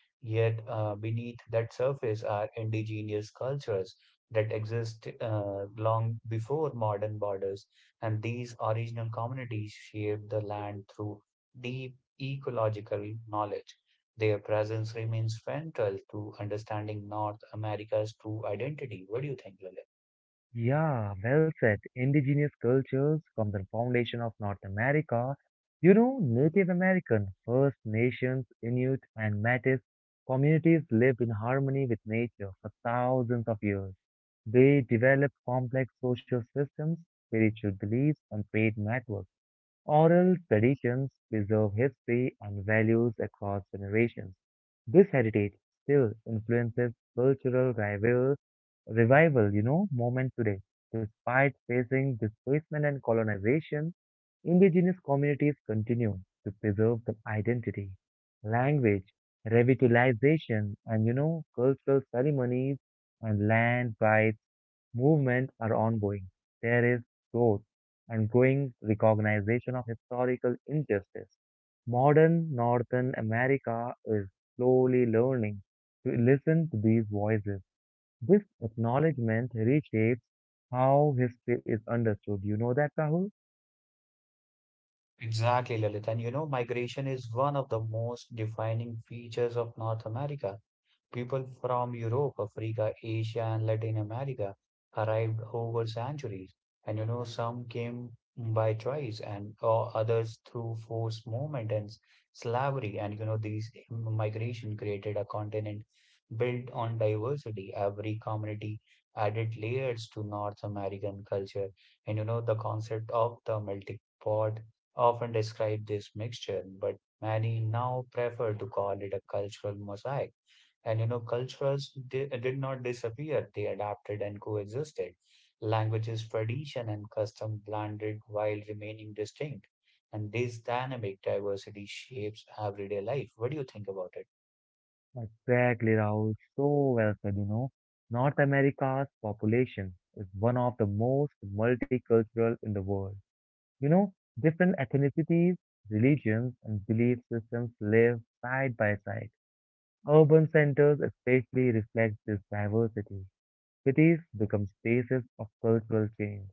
Speaker 2: yet, uh, beneath that surface are indigenous cultures that exist uh, long before modern borders, and these original communities shaped the land through deep ecological knowledge. Their presence remains central to understanding North America's true identity. What do you think, Lalit?
Speaker 1: Yeah, well said. Indigenous cultures from the foundation of North America. You know, Native American, First Nations, Inuit, and Métis communities lived in harmony with nature for thousands of years. They developed complex social systems, spiritual beliefs, and trade networks. Oral traditions preserve history and values across generations. This heritage still influences cultural rivalry revival, you know, moment today. Despite facing displacement and colonization, indigenous communities continue to preserve their identity, language, revitalization, and, you know, cultural ceremonies and land rights movement are ongoing. There is growth and growing recognition of historical injustice. Modern Northern America is slowly learning to listen to these voices this acknowledgement reshapes how history is understood. You know that, Rahul?
Speaker 2: Exactly, Lalit. And you know, migration is one of the most defining features of North America. People from Europe, Africa, Asia, and Latin America arrived over centuries, and you know, some came by choice and uh, others through forced movement and s- slavery. And you know, these migration created a continent built on diversity. Every community added layers to North American culture, and you know, the concept of the melting pot often describe this mixture, but many now prefer to call it a cultural mosaic. And you know, cultures di- did not disappear, they adapted and coexisted. Languages, tradition, and custom blended while remaining distinct. And this dynamic diversity shapes everyday life. What do you think about it?
Speaker 1: Exactly, Rahul. So well said, you know. North America's population is one of the most multicultural in the world. You know, different ethnicities, religions, and belief systems live side by side. Urban centers especially reflect this diversity. Cities become spaces of cultural change.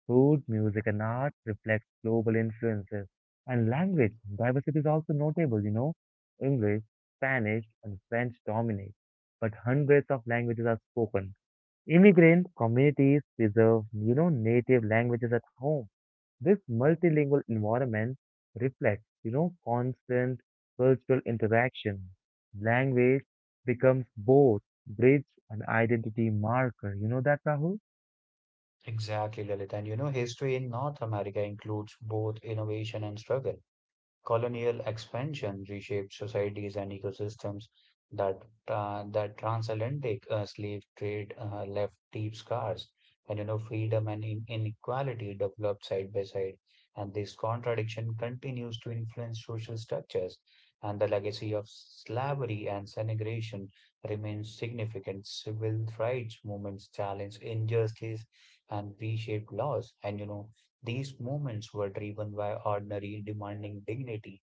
Speaker 1: Food, music, and art reflect global influences. And language diversity is also notable, you know. English, Spanish, and French dominate, but hundreds of languages are spoken. Immigrant communities preserve, you know, native languages at home this multilingual environment reflects, you know, constant cultural interaction. Language becomes both bridge and identity marker. You know that, Rahul?
Speaker 2: Exactly, Lilith. And you know, history in North America includes both innovation and struggle. Colonial expansion reshaped societies and ecosystems that uh, that transatlantic uh, slave trade uh, left deep scars. And you know, freedom and in- inequality developed side by side, and this contradiction continues to influence social structures. And the legacy of slavery and segregation remains significant. Civil rights movements challenge injustice and reshaped laws. And you know, these movements were driven by ordinary demanding dignity.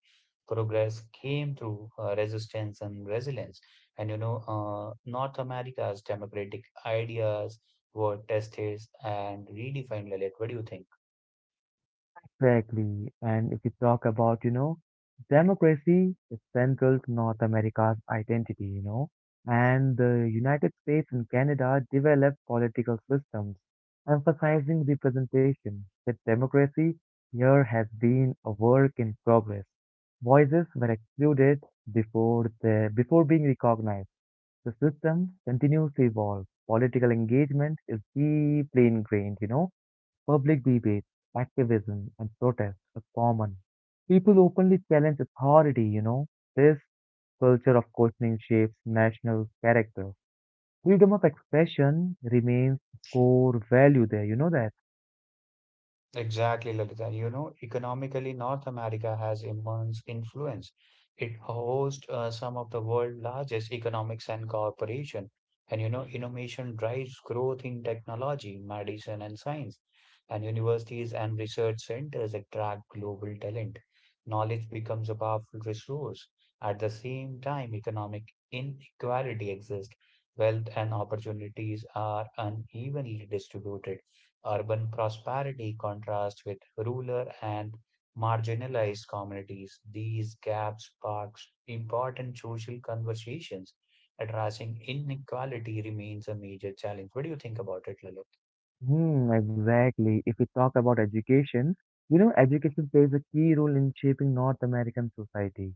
Speaker 2: Progress came through uh, resistance and resilience. And you know, uh, North America's democratic ideas were tested and redefined. Lilith, what do you think?
Speaker 1: Exactly. And if you talk about, you know, democracy is central to North America's identity, you know, and the United States and Canada developed political systems emphasizing representation. That democracy here has been a work in progress. Voices were excluded before the before being recognized. The system continues to evolve. Political engagement is deeply ingrained, you know. Public debates, activism, and protests are common. People openly challenge authority, you know. This culture of questioning shapes national character. Freedom of expression remains core value there, you know that?
Speaker 2: Exactly, Lalita. You know, economically, North America has immense influence. It hosts uh, some of the world's largest economics and corporation. And you know, innovation drives growth in technology, medicine, and science. And universities and research centers attract global talent. Knowledge becomes a powerful resource. At the same time, economic inequality exists. Wealth and opportunities are unevenly distributed. Urban prosperity contrasts with rural and marginalized communities. These gaps spark important social conversations. Addressing inequality remains a major challenge. What do you think about it, Lalit?
Speaker 1: Hmm, exactly. If we talk about education, you know, education plays a key role in shaping North American society.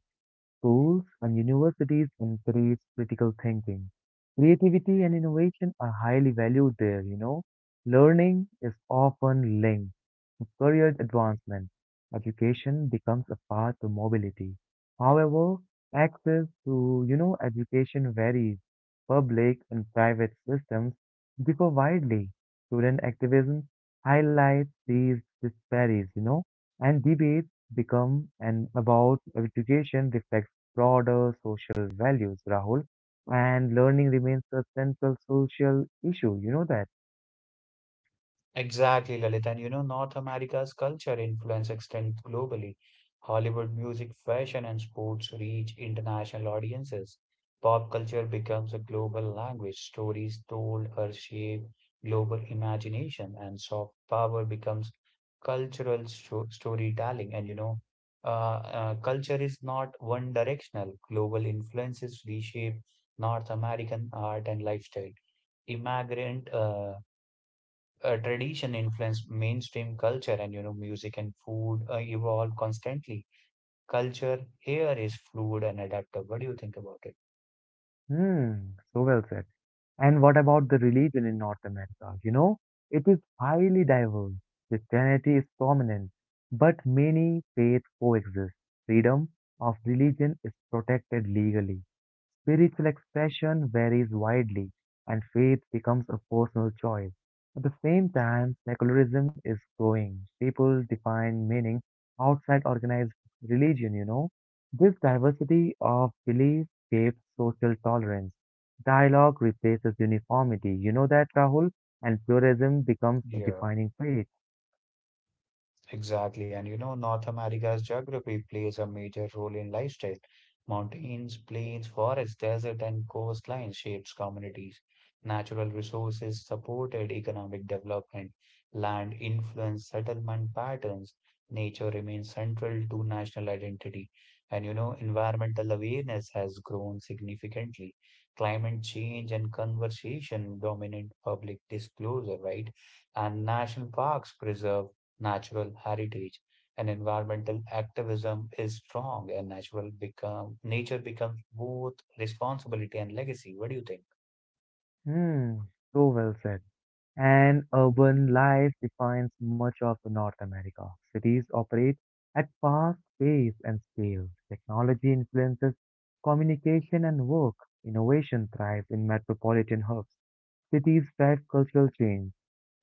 Speaker 1: Schools and universities encourage critical thinking. Creativity and innovation are highly valued there, you know. Learning is often linked to career advancement. Education becomes a path to mobility. However, access to, you know, education varies. Public and private systems differ widely. Student activism highlights these disparities, you know, and debates become and about education reflects broader social values, Rahul. And learning remains a central social issue. You know that.
Speaker 2: Exactly, Lalit. And you know, North America's culture influence extends globally. Hollywood music, fashion, and sports reach international audiences. Pop culture becomes a global language. Stories told her shape global imagination, and soft power becomes cultural sto storytelling. And you know, uh, uh, culture is not one directional. Global influences reshape North American art and lifestyle. Immigrant uh, uh, tradition influenced mainstream culture, and you know, music and food uh, evolve constantly. Culture here is fluid and adaptive. What do you think about it?
Speaker 1: Hmm, so well said. And what about the religion in North America? You know, it is highly diverse. Christianity is prominent, but many faiths coexist. Freedom of religion is protected legally. Spiritual expression varies widely, and faith becomes a personal choice. At the same time, secularism is growing. People define meaning outside organized religion, you know. This diversity of beliefs shapes social tolerance. Dialogue replaces uniformity. You know that, Rahul? And pluralism becomes a
Speaker 2: Yeah,
Speaker 1: defining trait.
Speaker 2: exactly. And you know, North America's geography plays a major role in lifestyle. Mountains, plains, forests, desert, and coastlines shapes communities. Natural resources supported economic development. Land influenced settlement patterns. Nature remains central to national identity. And you know, environmental awareness has grown significantly. Climate change and conversation dominate public disclosure, right? And national parks preserve natural heritage and environmental activism is strong and natural become nature becomes both responsibility and legacy. What do you think?
Speaker 1: Hmm, so well said. And urban life defines much of the North America. Cities operate at fast pace and scale. Technology influences communication and work. Innovation thrives in metropolitan hubs cities drive cultural change.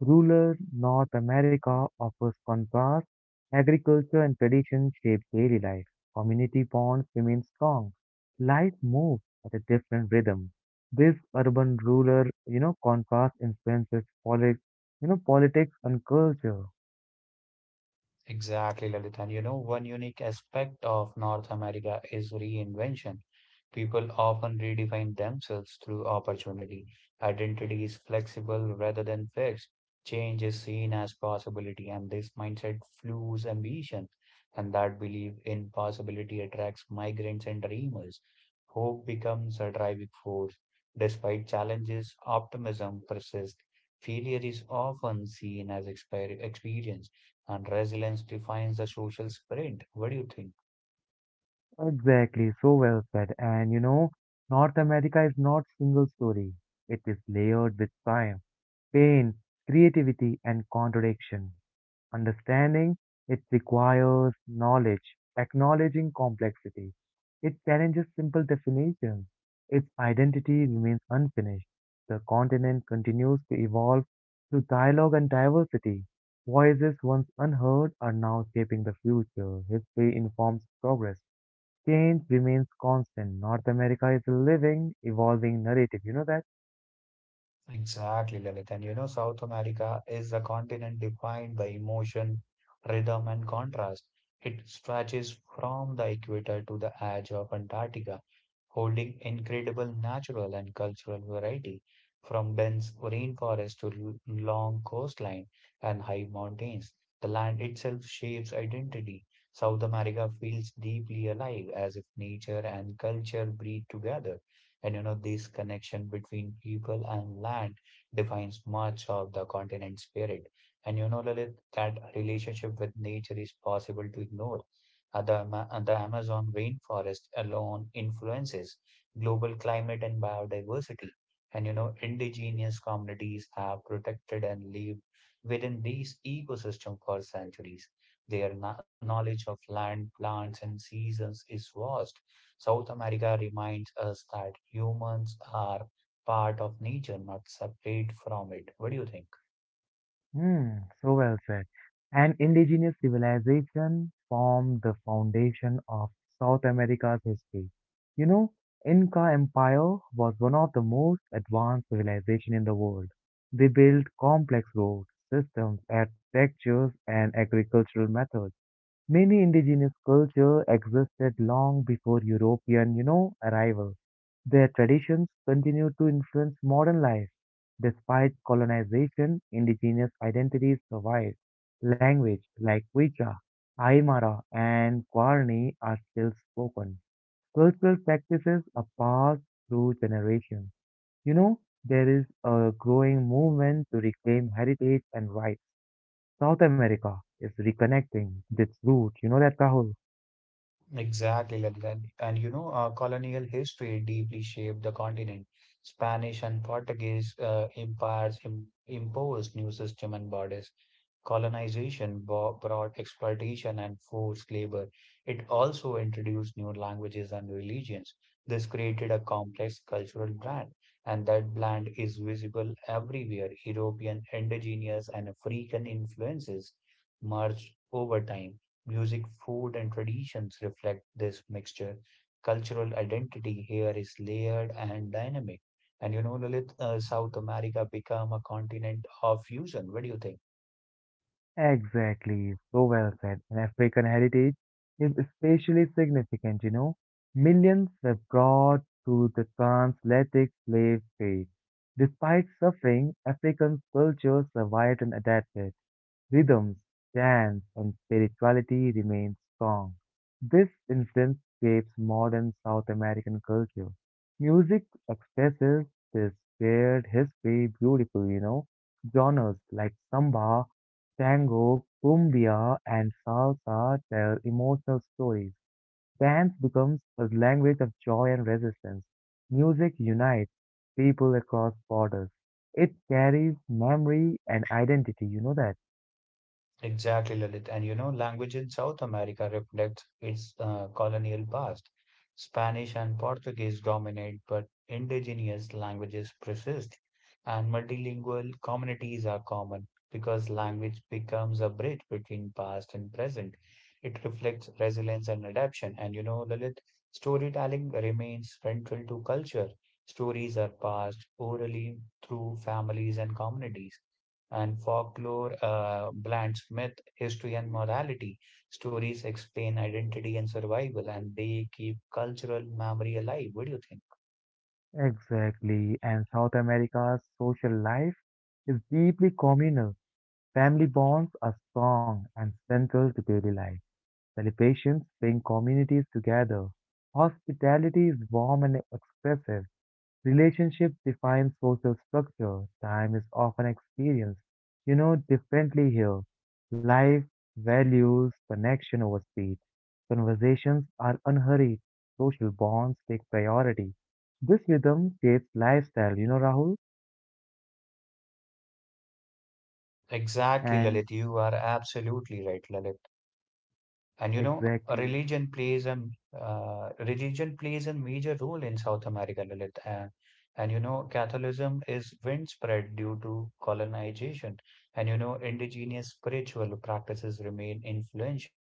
Speaker 1: Rural North America offers contrast. Agriculture and tradition shape daily life. Community bonds remain strong. Life moves at a different rhythm. This urban-rural, you know, contrast influences politics, you know, politics and culture.
Speaker 2: Exactly, Lalit. And you know, one unique aspect of North America is reinvention. People often redefine themselves through opportunity. Identity is flexible rather than fixed. Change is seen as possibility, and this mindset fuels ambition. And that belief in possibility attracts migrants and dreamers. Hope becomes a driving force. Despite challenges, optimism persists. Failure is often seen as exper- experience and resilience defines the social spirit. What do you think?
Speaker 1: Exactly, so well said. And you know, North America is not single story. It is layered with time, pain, creativity, and contradiction. Understanding it requires knowledge, acknowledging complexity. It challenges simple definitions. Its identity remains unfinished. The continent continues to evolve through dialogue and diversity. Voices once unheard are now shaping the future. History informs progress. Change remains constant. North America is a living, evolving narrative. You know that?
Speaker 2: Exactly, Lalit. And you know, South America is a continent defined by emotion, rhythm, and contrast. It stretches from the equator to the edge of Antarctica, holding incredible natural and cultural variety, from dense rainforest to l- long coastline and high mountains. The land itself shapes identity. South America feels deeply alive, as if nature and culture breathe together. And you know, this connection between people and land defines much of the continent's spirit. And you know, Lalit, that relationship with nature is possible to ignore. Uh, The, Ama- uh, the Amazon rainforest alone influences global climate and biodiversity. And you know, indigenous communities have protected and lived within these ecosystems for centuries. Their kno- knowledge of land, plants, and seasons is vast. South America reminds us that humans are part of nature, not separate from it. What do you think?
Speaker 1: Hmm, so well said. And indigenous civilization formed the foundation of South America's history. You know, Inca Empire was one of the most advanced civilization in the world. They built complex road systems, architectures, and agricultural methods. Many indigenous culture existed long before European, you know, arrival. Their traditions continue to influence modern life. Despite colonization, indigenous identities survive. Language like Quechua, Aymara, and Guarani are still spoken. Cultural practices are passed through generations. You know, there is a growing movement to reclaim heritage and rights. South America is reconnecting with its roots. You know that, Rahul?
Speaker 2: Exactly, Lalit. And you know, uh, colonial history deeply shaped the continent. Spanish and Portuguese uh, empires im imposed new system and borders. Colonization bo- brought exploitation and forced labor. It also introduced new languages and religions. This created a complex cultural blend, and that blend is visible everywhere. European, indigenous, and African influences merged over time. Music, food, and traditions reflect this mixture. Cultural identity here is layered and dynamic. And you know, Lalit, uh, South America become a continent of fusion. What do you think?
Speaker 1: Exactly, so well said. And African heritage is especially significant, you know. Millions were brought to the transatlantic slave trade. Despite suffering, African culture survived and adapted. Rhythms, dance, and spirituality remained strong. This influence shapes modern South American culture. Music expresses this shared history beautifully, you know. Genres like samba Tango, cumbia, and salsa tell emotional stories. Dance becomes a language of joy and resistance. Music unites people across borders. It carries memory and identity, you know that?
Speaker 2: Exactly, Lalit. And you know, language in South America reflects its uh, colonial past. Spanish and Portuguese dominate, but indigenous languages persist, and multilingual communities are common because language becomes a bridge between past and present. It reflects resilience and adaptation. And you know, Lalit, storytelling remains central to culture. Stories are passed orally through families and communities and folklore uh, blends myth, history, and morality. Stories explain identity and survival, and they keep cultural memory alive. What do you think?
Speaker 1: Exactly. And South America's social life is deeply communal. Family bonds are strong and central to daily life. Celebrations bring communities together. Hospitality is warm and expressive. Relationships define social structure. Time is often experienced, you know, differently here. Life values connection over speed. Conversations are unhurried. Social bonds take priority. This rhythm shapes lifestyle, you know, Rahul?
Speaker 2: Exactly,
Speaker 1: And
Speaker 2: Lalit. You are absolutely right, Lalit. And you know,
Speaker 1: exactly.
Speaker 2: religion plays a uh, religion plays a major role in South America, Lalit. And, and you know, Catholicism is widespread due to colonization. And you know, indigenous spiritual practices remain influential.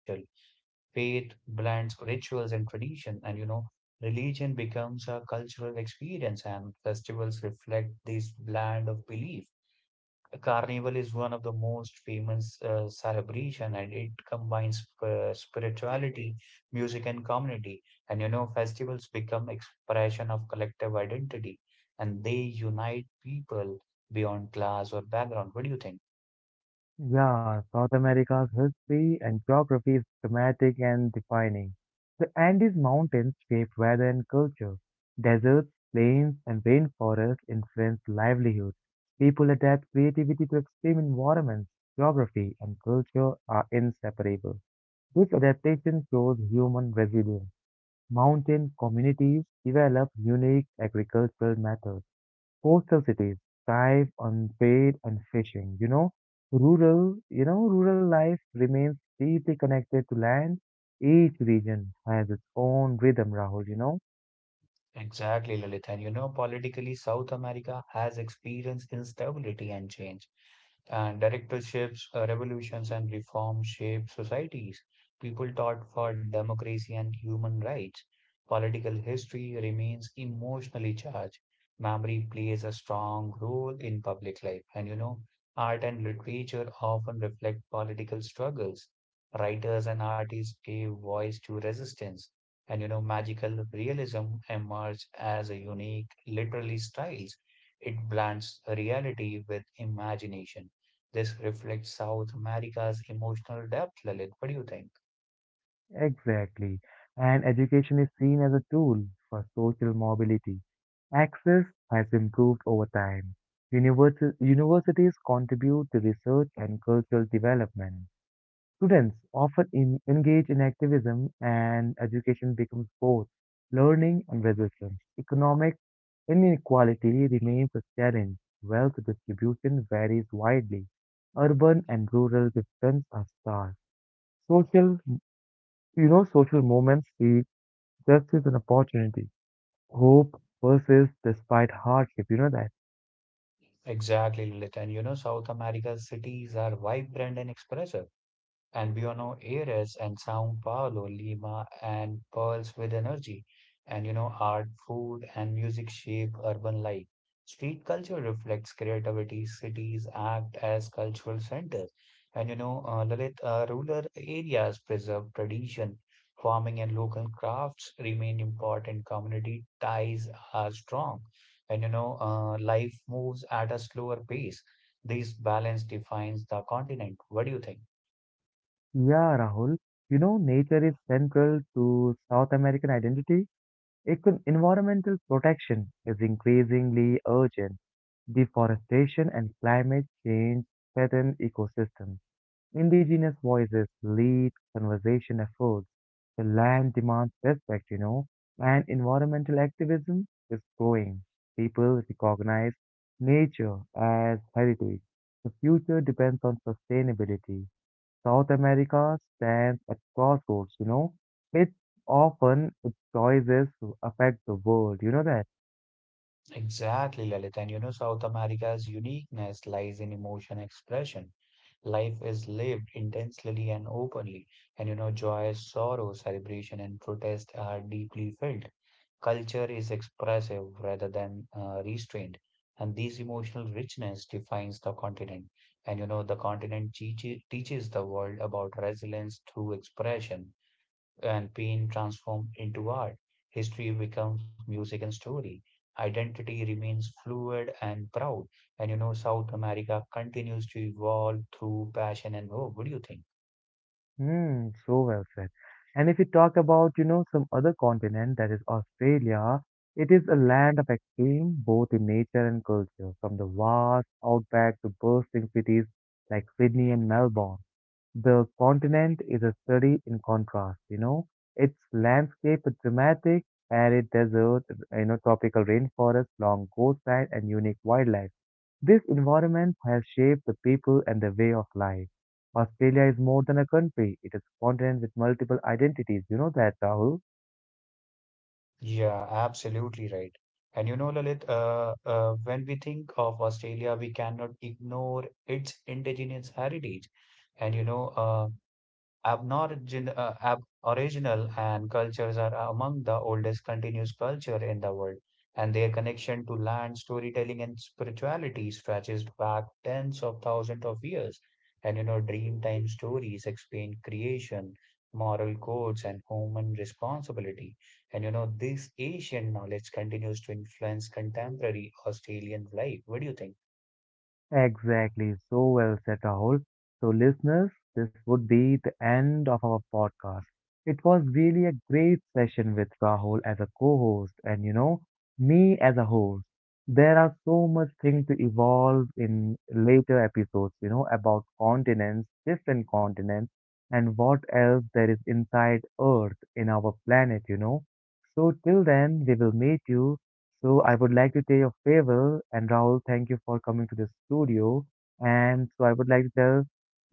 Speaker 2: Faith blends rituals and tradition, and you know, religion becomes a cultural experience, and festivals reflect this blend of belief. Carnival is one of the most famous uh, celebration, and it combines uh, spirituality, music, and community. And you know, festivals become expression of collective identity, and they unite people beyond class or background. What do you think?
Speaker 1: Yeah, South America's history and geography is dramatic and defining. The Andes Mountains shaped weather and culture. Deserts, plains, and rainforests influenced livelihood. People adapt creativity to extreme environments. Geography and culture are inseparable. This adaptation shows human resilience. Mountain communities develop unique agricultural methods. Coastal cities thrive on trade and fishing, you know. Rural, you know, rural life remains deeply connected to land. Each region has its own rhythm, Rahul, you know.
Speaker 2: Exactly, Lilith. And you know, politically, South America has experienced instability and change. And directorships, uh, revolutions, and reform shaped societies. People fought for democracy and human rights. Political history remains emotionally charged. Memory plays a strong role in public life. And you know, art and literature often reflect political struggles. Writers and artists gave voice to resistance and you know magical realism emerged as a unique literary styles. It blends reality with imagination. This reflects South America's emotional depth, Lalit. What do you think?
Speaker 1: Exactly. And education is seen as a tool for social mobility. Access has improved over time. Universi universities contribute to research and cultural development. Students often in, engage in activism, and education becomes both learning and resistance. Economic inequality remains a challenge. Wealth distribution varies widely. Urban and rural differences are stark. Social, you know, social movements see justice and opportunity. Hope persists despite hardship. You know that.
Speaker 2: Exactly, Lalit. And you know South America's cities are vibrant and expressive. Albino Aires and Sao Paulo, Lima and pearls with energy. And you know, art, food, and music shape urban life. Street culture reflects creativity. Cities act as cultural centers. And you know, uh, Lalit, uh, rural areas preserve tradition. Farming and local crafts remain important. Community ties are strong. And you know, uh, life moves at a slower pace. This balance defines the continent. What do you think?
Speaker 1: Yeah, Rahul. You know, nature is central to South American identity. Econ- environmental protection is increasingly urgent. Deforestation and climate change threaten ecosystems. Indigenous voices lead conservation efforts. The land demands respect, you know, and environmental activism is growing. People recognize nature as heritage. The future depends on sustainability. South America stands at crossroads, you know. It often its choices affect the world. You know that?
Speaker 2: Exactly, Lalit. And you know, South America's uniqueness lies in emotion expression. Life is lived intensely and openly. And you know, joy, sorrow, celebration, and protest are deeply felt. Culture is expressive rather than uh, restrained. And this emotional richness defines the continent. And you know, the continent teaches teaches the world about resilience through expression and pain transformed into art. History becomes music and story. Identity remains fluid and proud. And you know, South America continues to evolve through passion and hope. What do you think?
Speaker 1: Hmm, so well said. And if you talk about, you know, some other continent, that is Australia, it is a land of extreme, both in nature and culture, from the vast outback to bustling cities like Sydney and Melbourne. The continent is a study in contrast, you know. Its landscape is dramatic, arid desert, you know, tropical rainforest, long coastline, and unique wildlife. This environment has shaped the people and their way of life. Australia is more than a country, it is a continent with multiple identities. You know that, Rahul?
Speaker 2: Yeah, absolutely right. And you know, Lalit, uh, uh, when we think of Australia, we cannot ignore its indigenous heritage. And you know, uh, Abnorigin- uh, ab- original and cultures are among the oldest continuous culture in the world, and their connection to land, storytelling, and spirituality stretches back tens of thousands of years. And you know, dreamtime stories explain creation, moral codes, and human responsibility. And you know, this ancient knowledge continues to influence contemporary Australian life. What do you think?
Speaker 1: Exactly, so well said, Rahul. So, listeners, this would be the end of our podcast. It was really a great session with Rahul as a co host and, you know, me as a host. There are so much things to evolve in later episodes, you know, about continents, different continents, and what else there is inside Earth in our planet, you know. So, till then, we will meet you so I would like to tell you farewell and Rahul, thank you for coming to the studio. And so I would like to tell,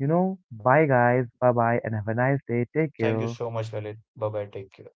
Speaker 1: you know, bye guys, bye bye, and have a nice day. Take
Speaker 2: Thank you
Speaker 1: care.
Speaker 2: so much, Lalit. Bye bye. Take care.